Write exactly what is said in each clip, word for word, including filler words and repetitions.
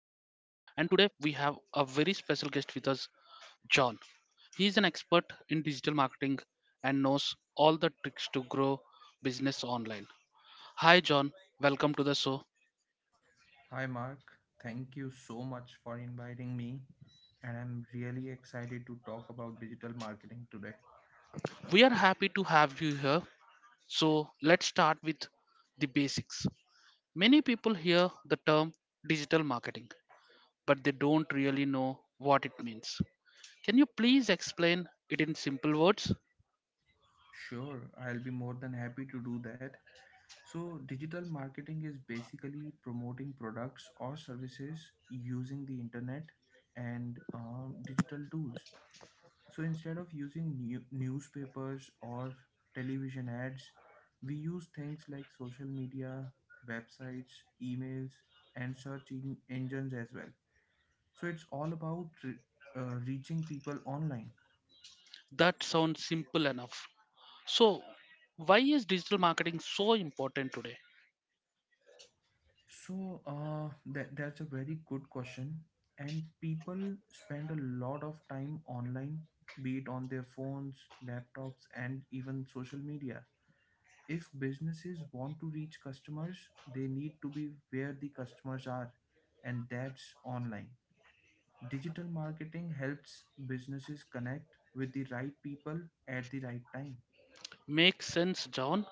today we have a very special guest with us, John. He is an expert in digital marketing and knows all the tricks to grow business online. Hi, John. Welcome to the show. Hi, Mark. Thank you so much for inviting me. And I'm really excited to talk about digital marketing today. We are happy to have you here. So, let's start with the basics. Many people hear the term digital marketing, but they don't really know what it means. Can you please explain it in simple words? Sure, I'll be more than happy to do that. So, digital marketing is basically promoting products or services using the internet and um, digital tools. So, instead of using new- newspapers or television ads, we use things like social media, websites, emails, and search en- engines as well. So it's all about re- uh, reaching people online. That sounds simple enough. So, why is digital marketing so important today? So uh, that that's a very good question, and people spend a lot of time online, be it on their phones, laptops, and even social media. If businesses want to reach customers, they need to be where the customers are, and that's online. Digital marketing helps businesses connect with the right people at the right time. Makes sense, John.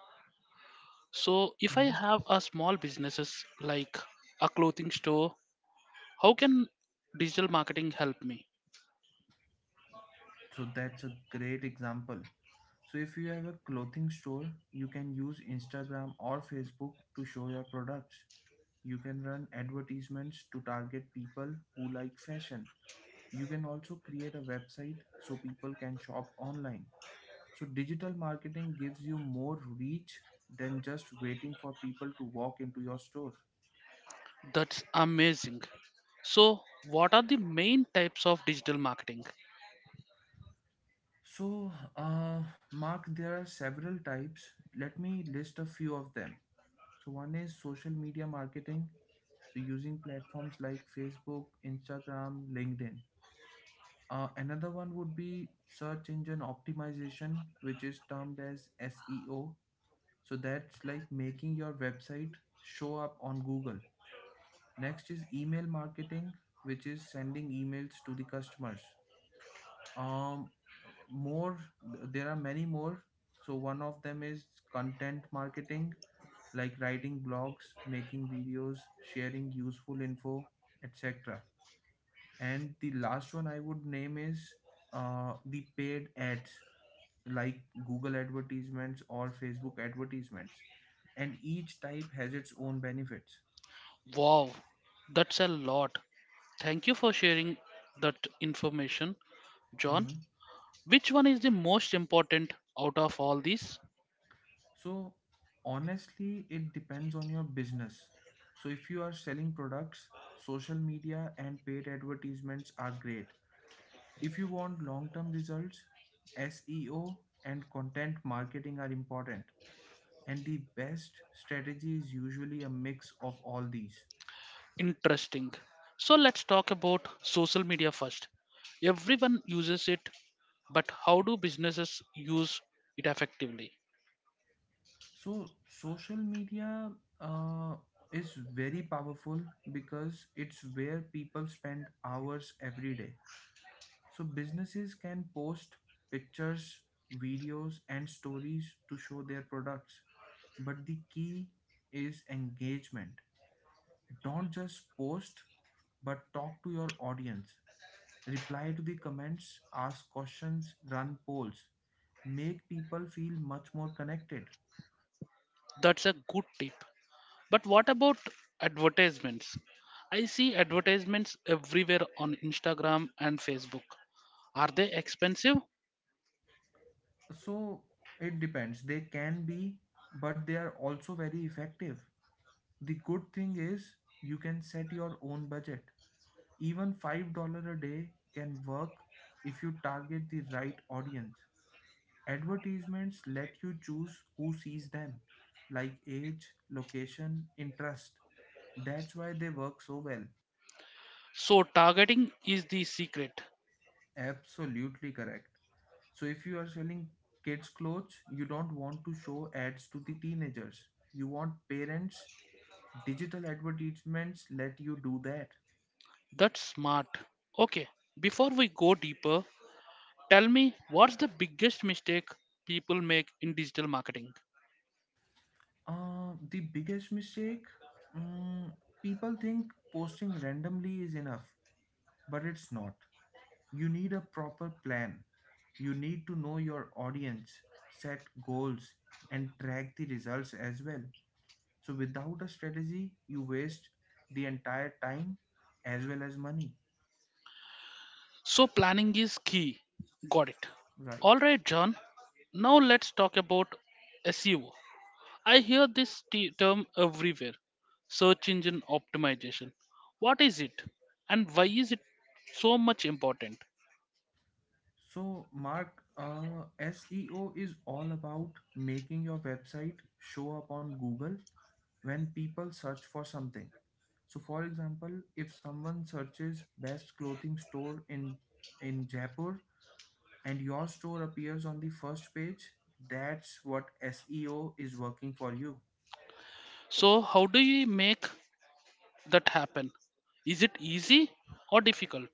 So, if I Mhm. have a small businesses like a clothing store, how can digital marketing help me? So that's a great example. So if you have a clothing store, you can use Instagram or Facebook to show your products. You can run advertisements to target people who like fashion. You can also create a website so people can shop online. So digital marketing gives you more reach than just waiting for people to walk into your store. That's amazing. So, what are the main types of digital marketing? So, uh, Mark, there are several types. Let me list a few of them. So one is social media marketing. So using platforms like Facebook, Instagram, LinkedIn. Uh, another one would be search engine optimization, which is termed as S E O. So that's like making your website show up on Google. Next is email marketing, which is sending emails to the customers. Um, more, th- there are many more. So one of them is content marketing, like writing blogs, making videos, sharing useful info, et cetera. And the last one I would name is uh, the paid ads, like Google advertisements or Facebook advertisements. And each type has its own benefits. Wow, that's a lot. Thank you for sharing that information, John. Mhm. Which one is the most important out of all these? So, honestly, it depends on your business. So, if you are selling products, social media and paid advertisements are great. If you want long term results, S E O and content marketing are important, and the best strategy is usually a mix of all these. Interesting. So let's talk about social media first. Everyone uses it, but how do businesses use it effectively? So, social media uh, is very powerful because it's where people spend hours every day. So, businesses can post pictures, videos, and stories to show their products, but the key is engagement. Don't just post, but talk to your audience. Reply to the comments, ask questions, run polls. Make people feel much more connected. That's a good tip, but what about advertisements? I see advertisements everywhere on Instagram and Facebook. Are they expensive? So it depends. They can be, but they are also very effective. The good thing is you can set your own budget. Even five dollars a day can work if you target the right audience. Advertisements let you choose who sees them, like age, location, interest. That's why they work so well. So targeting is the secret. Absolutely correct. So, if you are selling kids' clothes, you don't want to show ads to the teenagers. You want parents. Digital advertisements let you do that. That's smart. Okay, before we go deeper, tell me, what's the biggest mistake people make in digital marketing? Uh, the biggest mistake, mm, people think posting randomly is enough, but it's not. You need a proper plan. You need to know your audience, set goals, and track the results as well. So, without a strategy, you waste the entire time as well as money, So, planning is key. Got it. right? All right, John. Now, let's talk about S E O. I hear this t- term everywhere, search engine optimization. What is it? And why is it so much important? So, Mark, uh, S E O is all about making your website show up on Google when people search for something. So, for example, if someone searches best clothing store in in Jaipur, and your store appears on the first page, that's what S E O is working for you. So, how do you make that happen? Is it easy or difficult?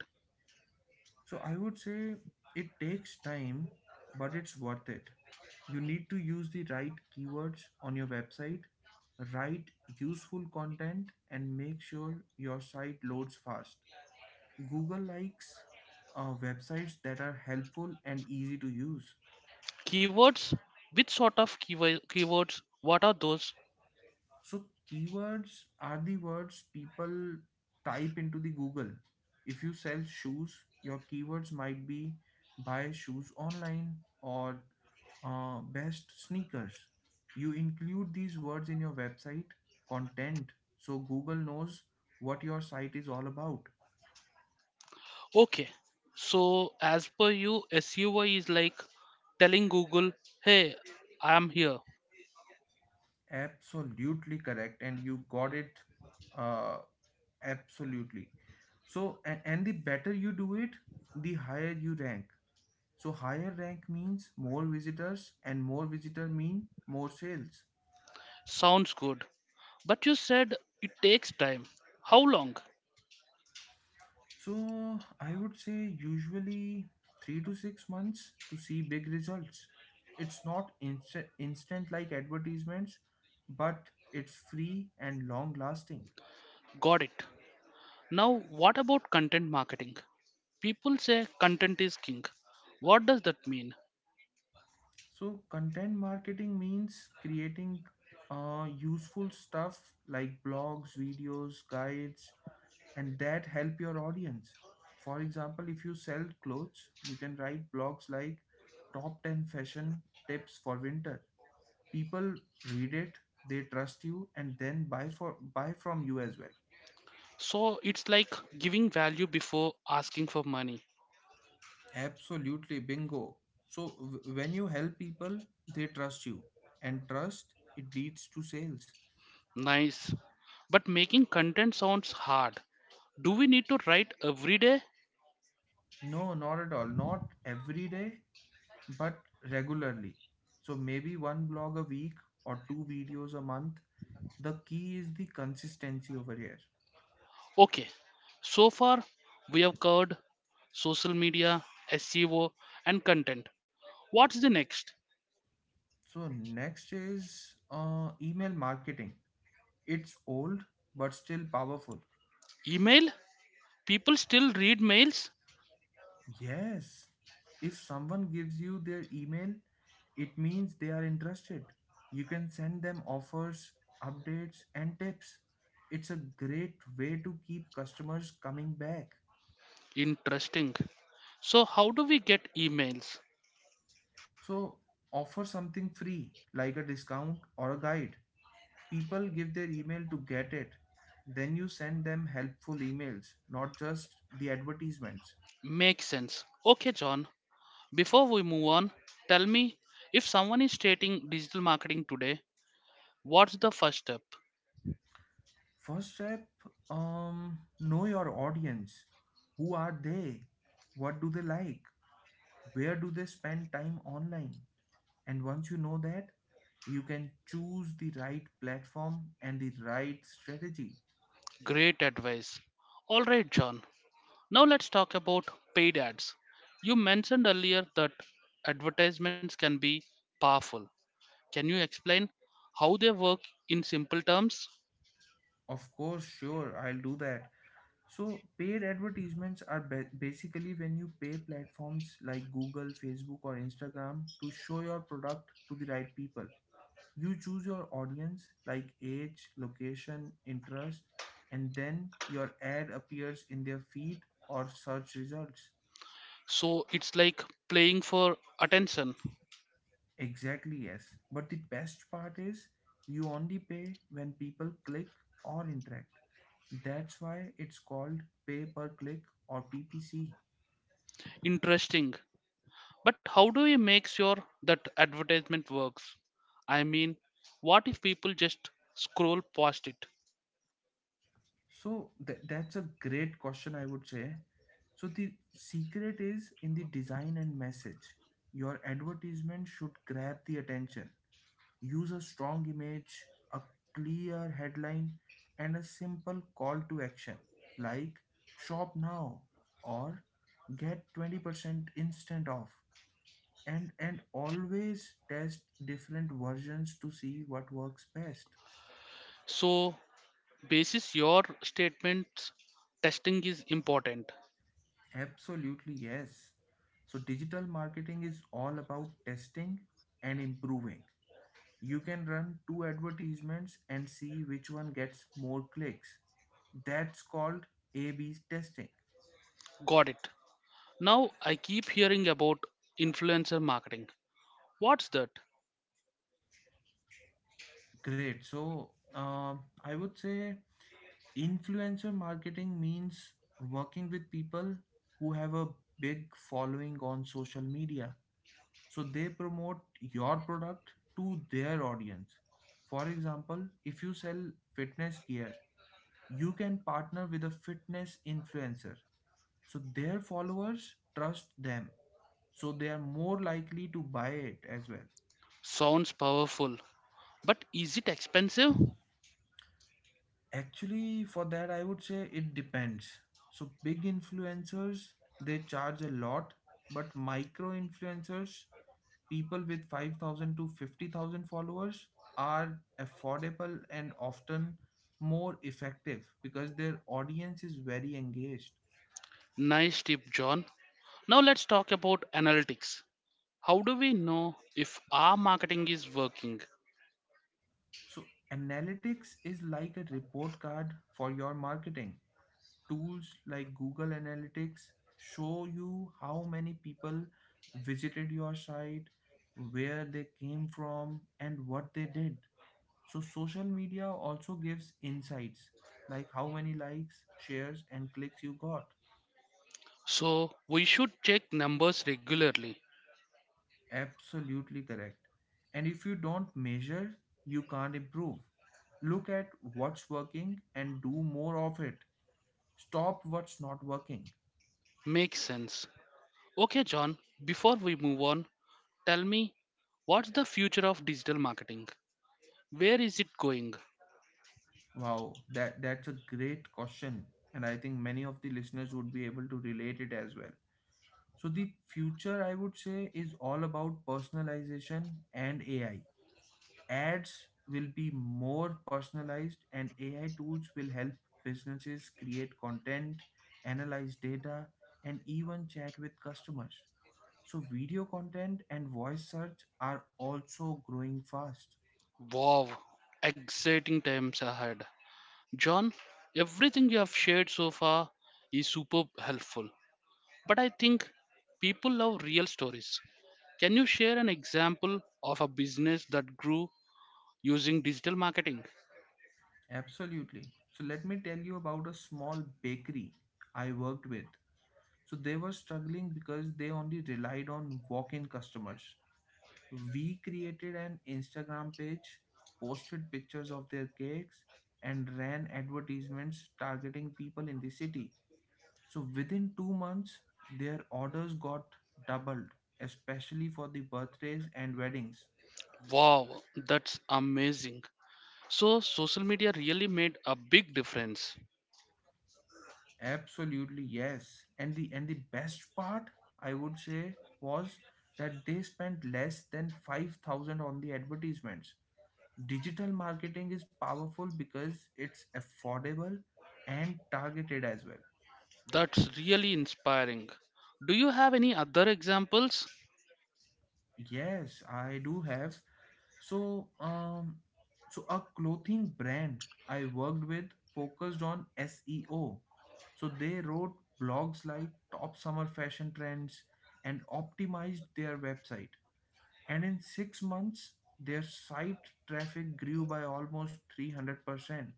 So I would say it takes time, but it's worth it. You need to use the right keywords on your website, write useful content, and make sure your site loads fast. Google likes uh, websites that are helpful and easy to use. Keywords? Which sort of keywo- keywords? What are those? So keywords are the words people type into the Google. If you sell shoes, your keywords might be buy shoes online or uh, best sneakers. You include these words in your website content so Google knows what your site is all about. Okay, so as per you, S U I is like telling Google, hey, I'm here. Absolutely correct, and you got it uh, absolutely. So, and, and the better you do it, the higher you rank. So higher rank means more visitors and more visitor mean more sales. Sounds good. But you said it takes time. How long? So I would say usually three to six months to see big results. It's not inst- instant like advertisements, but it's free and long lasting. Got it. Now, what about content marketing? People say content is king. What does that mean? So content marketing means creating uh, useful stuff like blogs, videos, guides, and that help your audience. For example, if you sell clothes, you can write blogs like top ten fashion tips for winter. People read it, they trust you, and then buy for buy from you as well. So, it's like giving value before asking for money. Absolutely, bingo. So w- when you help people, they trust you, and trust it leads to sales. Nice. But making content sounds hard. Do we need to write every day? No, not at all, not every day, but regularly. So maybe one blog a week or two videos a month. The key is the consistency over here. Okay, so far we have covered social media, S E O, and content. What's the next? So next is uh, email marketing. It's old but still powerful. Email? People still read mails? Yes. If someone gives you their email, it means they are interested. You can send them offers, updates, and tips. It's a great way to keep customers coming back. Interesting. So, how do we get emails? So offer something free, like a discount or a guide. People give their email to get it. Then you send them helpful emails, not just the advertisements. Makes sense. Okay, John, before we move on, tell me, if someone is starting digital marketing today, what's the first step? First step, um, know your audience. Who are they? What do they like? Where do they spend time online? And once you know that, you can choose the right platform and the right strategy. Great advice. All right, John, now let's talk about paid ads. You mentioned earlier that advertisements can be powerful. Can you explain how they work in simple terms? Of course, sure, I'll do that. So, paid advertisements are ba- basically when you pay platforms like Google, Facebook, or Instagram to show your product to the right people. You choose your audience like age, location, interest, and then your ad appears in their feed or search results. So it's like playing for attention. Exactly, yes. But the best part is you only pay when people click or interact. That's why it's called pay per click or P P C. Interesting. But how do you make sure that advertisement works? I mean, what if people just scroll past it? So th- that's a great question, I would say. So the secret is in the design and message. Your advertisement should grab the attention. Use a strong image, a clear headline, and a simple call to action like shop now or get twenty percent instant off. And, and always test different versions to see what works best. So basis your statements, testing is important. Absolutely, yes. So, digital marketing is all about testing and improving. You can run two advertisements and see which one gets more clicks. That's called A B testing. Got it. Now I keep hearing about influencer marketing. What's that? Great. So, um I would say influencer marketing means working with people who have a big following on social media. So they promote your product to their audience. For example, if you sell fitness gear, you can partner with a fitness influencer. So their followers trust them, so they are more likely to buy it as well. Sounds powerful, but is it expensive? Actually, for that I would say it depends. So big influencers, they charge a lot, but micro influencers, people with five thousand to fifty thousand followers, are affordable and often more effective because their audience is very engaged. Nice tip, John. Now let's talk about analytics. How do we know if our marketing is working? So, analytics is like a report card for your marketing. Tools like Google Analytics show you how many people visited your site, where they came from, and what they did. So social media also gives insights like how many likes, shares, and clicks you got. So we should check numbers regularly. Absolutely correct. And if you don't measure, you can't improve. Look at what's working and do more of it. Stop what's not working. Makes sense. Okay, John, before we move on, tell me, what's the future of digital marketing? Where is it going? Wow, that that's a great question, and I think many of the listeners would be able to relate it as well. So the future I would say is all about personalization and A I. Ads will be more personalized, and A I tools will help businesses create content, analyze data, and even chat with customers. So video content and voice search are also growing fast. Wow, exciting times ahead. John, everything you have shared so far is super helpful, but I think people love real stories. Can you share an example of a business that grew using digital marketing? Absolutely. So let me tell you about a small bakery I worked with. So they were struggling because they only relied on walk-in customers. We created an Instagram page, posted pictures of their cakes, and ran advertisements targeting people in the city. So within two months, their orders got doubled, especially for the birthdays and weddings. Wow, that's amazing. So, social media really made a big difference. Absolutely, yes. And the and the best part, I would say, was that they spent less than five thousand on the advertisements. Digital marketing is powerful because it's affordable and targeted as well. That's really inspiring. Do you have any other examples? Yes, I do have. So, um, so a clothing brand I worked with focused on S E O. So they wrote blogs like top summer fashion trends and optimized their website. And in six months, their site traffic grew by almost three hundred percent.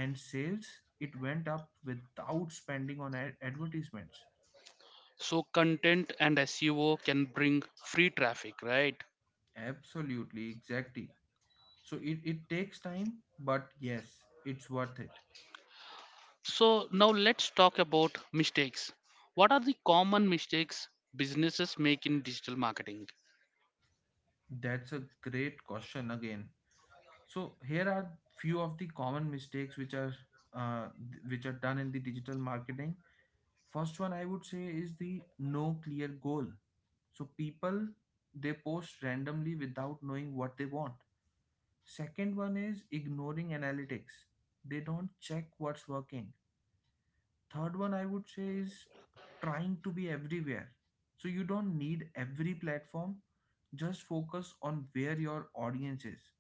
And sales, it went up without spending on ad- advertisements. So, content and S E O can bring free traffic, right? Absolutely, exactly. So it, it takes time, but yes, it's worth it. So now let's talk about mistakes. What are the common mistakes businesses make in digital marketing? That's a great question again. So here are few of the common mistakes which are uh, th- which are done in the digital marketing. First one I would say is the no clear goal. So people, they post randomly without knowing what they want. Second one is ignoring analytics. They don't check what's working. Third one I would say is trying to be everywhere. So you don't need every platform, just focus on where your audience is.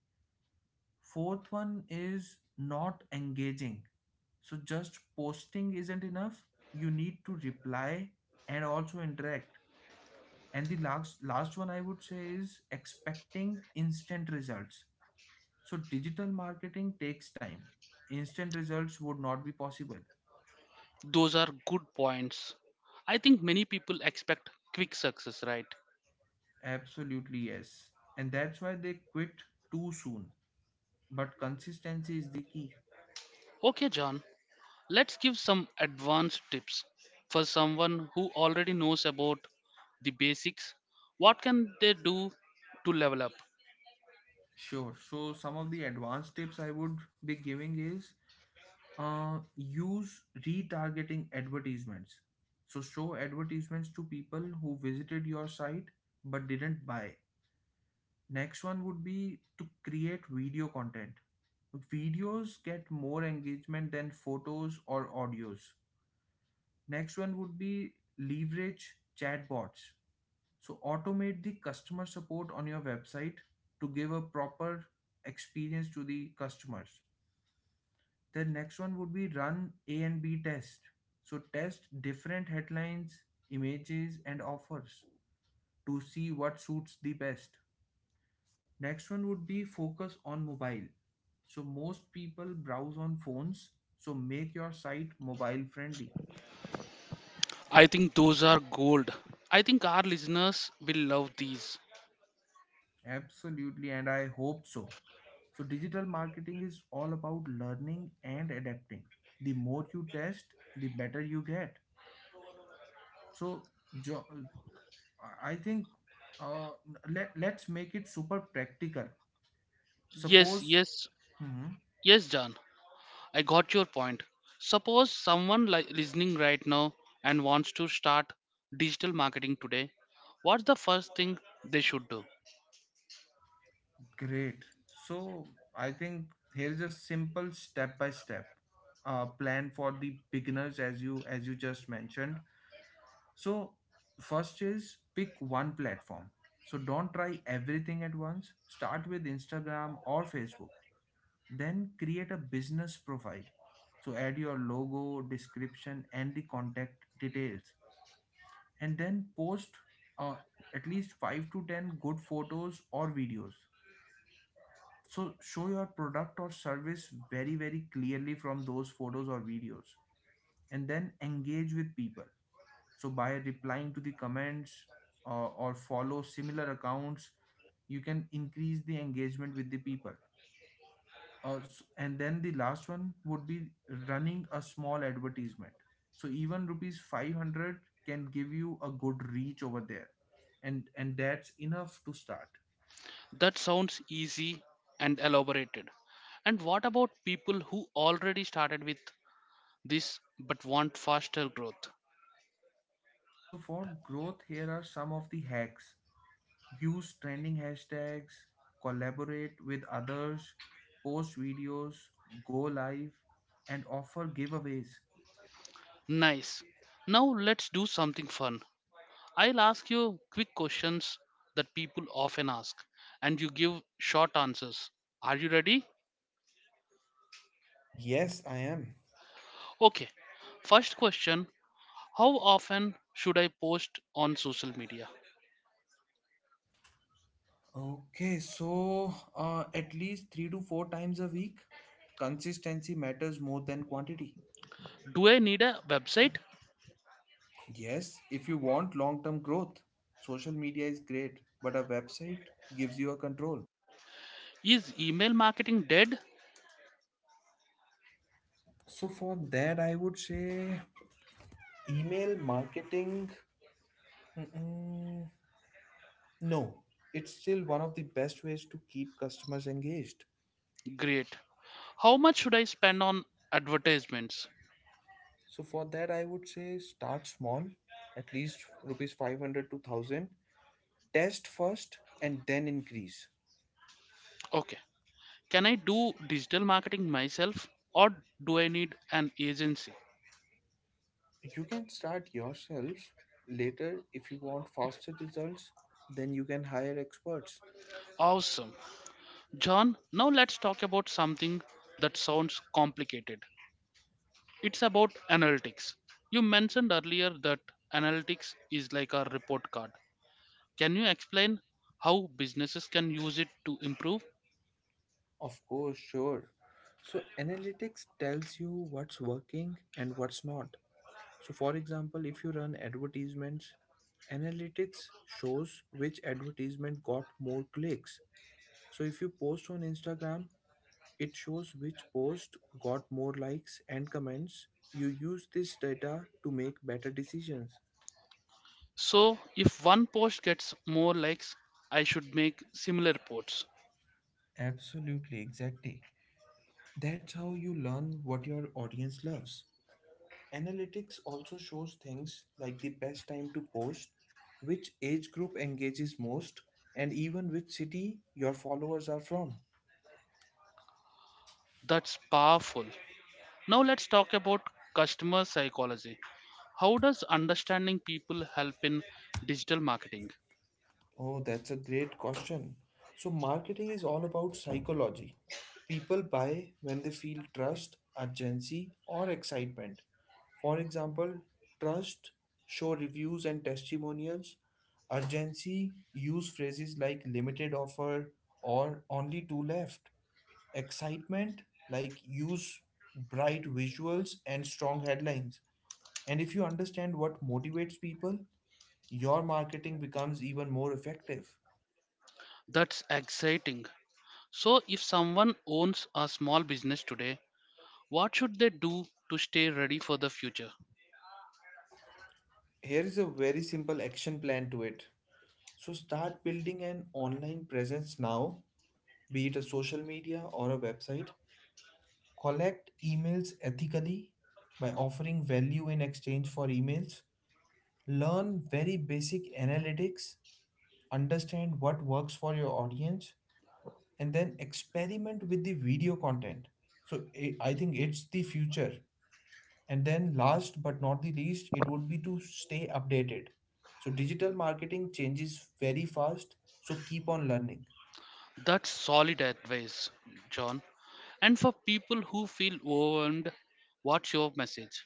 Fourth one is not engaging. So just posting isn't enough. You need to reply and also interact. And the last last one I would say is expecting instant results. So digital marketing takes time. Instant results would not be possible. Those are good points. I think many people expect quick success, right? Absolutely, yes. And that's why they quit too soon. But consistency is the key. Okay, John, let's give some advanced tips for someone who already knows about the basics. What can they do to level up? Sure. So some of the advanced tips I would be giving is uh, use retargeting advertisements. So show advertisements to people who visited your site but didn't buy. Next one would be to create video content. Videos get more engagement than photos or audios. Next one would be leverage chatbots. So automate the customer support on your website to give a proper experience to the customers. The next one would be run A and B test. So test different headlines, images, and offers to see what suits the best. Next one would be focus on mobile. So most people browse on phones. So make your site mobile friendly. I think those are gold. I think our listeners will love these. Absolutely, and I hope so. So digital marketing is all about learning and adapting. The more you test, the better you get. So jo- I think uh, let let's make it super practical. Yes, Suppose. yes, Mhm. yes, John. I got your point. Suppose someone li- listening right now and wants to start digital marketing today. What's the first thing they should do? Great. So I think here's a simple step by step uh, plan for the beginners as you as you just mentioned. So first is pick one platform. So don't try everything at once. Start with Instagram or Facebook. Then create a business profile. So add your logo, description, and the contact details. And then post uh, at least five to ten good photos or videos, so show your product or service very very clearly from those photos or videos. And then engage with people, so by replying to the comments uh, or follow similar accounts, you can increase the engagement with the people. Uh, s- and then the last one would be running a small advertisement, so even rupees five hundred can give you a good reach over there, and and that's enough to start. That sounds easy and elaborated. And what about people who already started with this but want faster growth? So for growth here are some of the hacks: use trending hashtags, collaborate with others, post videos, go live, and offer giveaways. Nice. Now let's do something fun. I'll ask you quick questions that people often ask, and you give short answers. Are you ready? Yes, I am. Okay. First question, how often should I post on social media? Okay, so uh, at least three to four times a week, consistency matters more than quantity. Do I need a website? Yes, if you want long term growth, social media is great, but a website gives you a control. Is email marketing dead? So, for that, I would say email marketing. Mm-mm. No, it's still one of the best ways to keep customers engaged. Great. How much should I spend on advertisements? So for that, I would say start small, at least rupees five hundred to one thousand. Test first and then increase. Okay. Can I do digital marketing myself or do I need an agency? You can start yourself later. If you want faster results, then you can hire experts. Awesome. John, now let's talk about something that sounds complicated. It's about analytics. You mentioned earlier that analytics is like a report card. Can you explain how businesses can use it to improve? Of course, sure. So analytics tells you what's working and what's not. So, for example, if you run advertisements, analytics shows which advertisement got more clicks. So, if you post on Instagram, it shows which post got more likes and comments. You use this data to make better decisions. So, if one post gets more likes, I should make similar posts. Absolutely, exactly. That's how you learn what your audience loves. Analytics also shows things like the best time to post, which age group engages most, and even which city your followers are from. That's powerful. Now, let's talk about customer psychology. How does understanding people help in digital marketing? Oh, that's a great question. So, marketing is all about psychology. People buy when they feel trust, urgency, or excitement. For example, trust: show reviews and testimonials. Urgency: use phrases like limited offer or only two left. Excitement: like use bright visuals and strong headlines. And if you understand what motivates people, your marketing becomes even more effective. That's exciting. So, if someone owns a small business today, what should they do to stay ready for the future? Here is a very simple action plan to it. So start building an online presence now, be it a social media or a website. Collect emails ethically by offering value in exchange for emails. Learn very basic analytics, understand what works for your audience, and then experiment with the video content. So I I think it's the future. And then last but not the least, it would be to stay updated. So digital marketing changes very fast, so keep on learning. That's solid advice, John. And for people who feel overwhelmed, what's your message?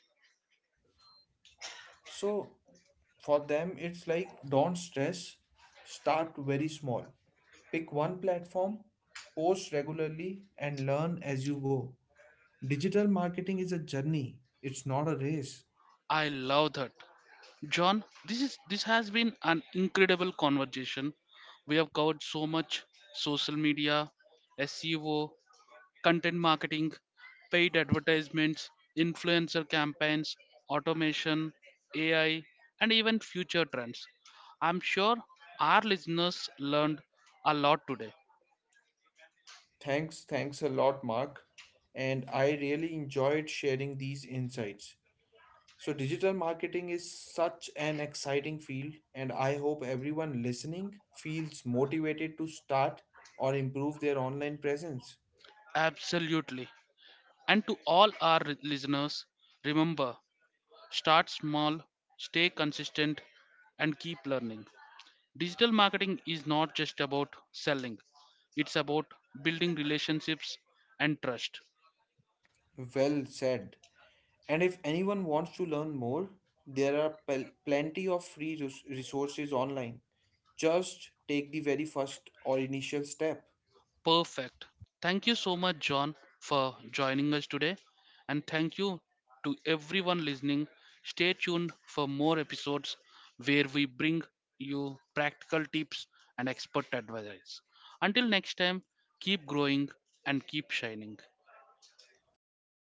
So for them, it's like don't stress, start very small. Pick one platform, post regularly, and learn as you go. Digital marketing is a journey, it's not a race. I love that. John, this is this has been an incredible conversation. We have covered so much: social media, S E O, content marketing, paid advertisements, influencer campaigns, automation, A I, and even future trends. I'm sure our listeners learned a lot today. Thanks, thanks a lot, Mark. And I really enjoyed sharing these insights. So, digital marketing is such an exciting field, and I hope everyone listening feels motivated to start or improve their online presence. Absolutely. And to all our re- listeners, remember, start small, stay consistent, and keep learning. Digital marketing is not just about selling, it's about building relationships and trust. Well said. And if anyone wants to learn more, there are pel- plenty of free res- resources online. Just take the very first or initial step. Perfect. Thank you so much, John, for joining us today. And thank you to everyone listening. Stay tuned for more episodes where we bring you practical tips and expert advice. Until next time, keep growing and keep shining. Thank you, Mark.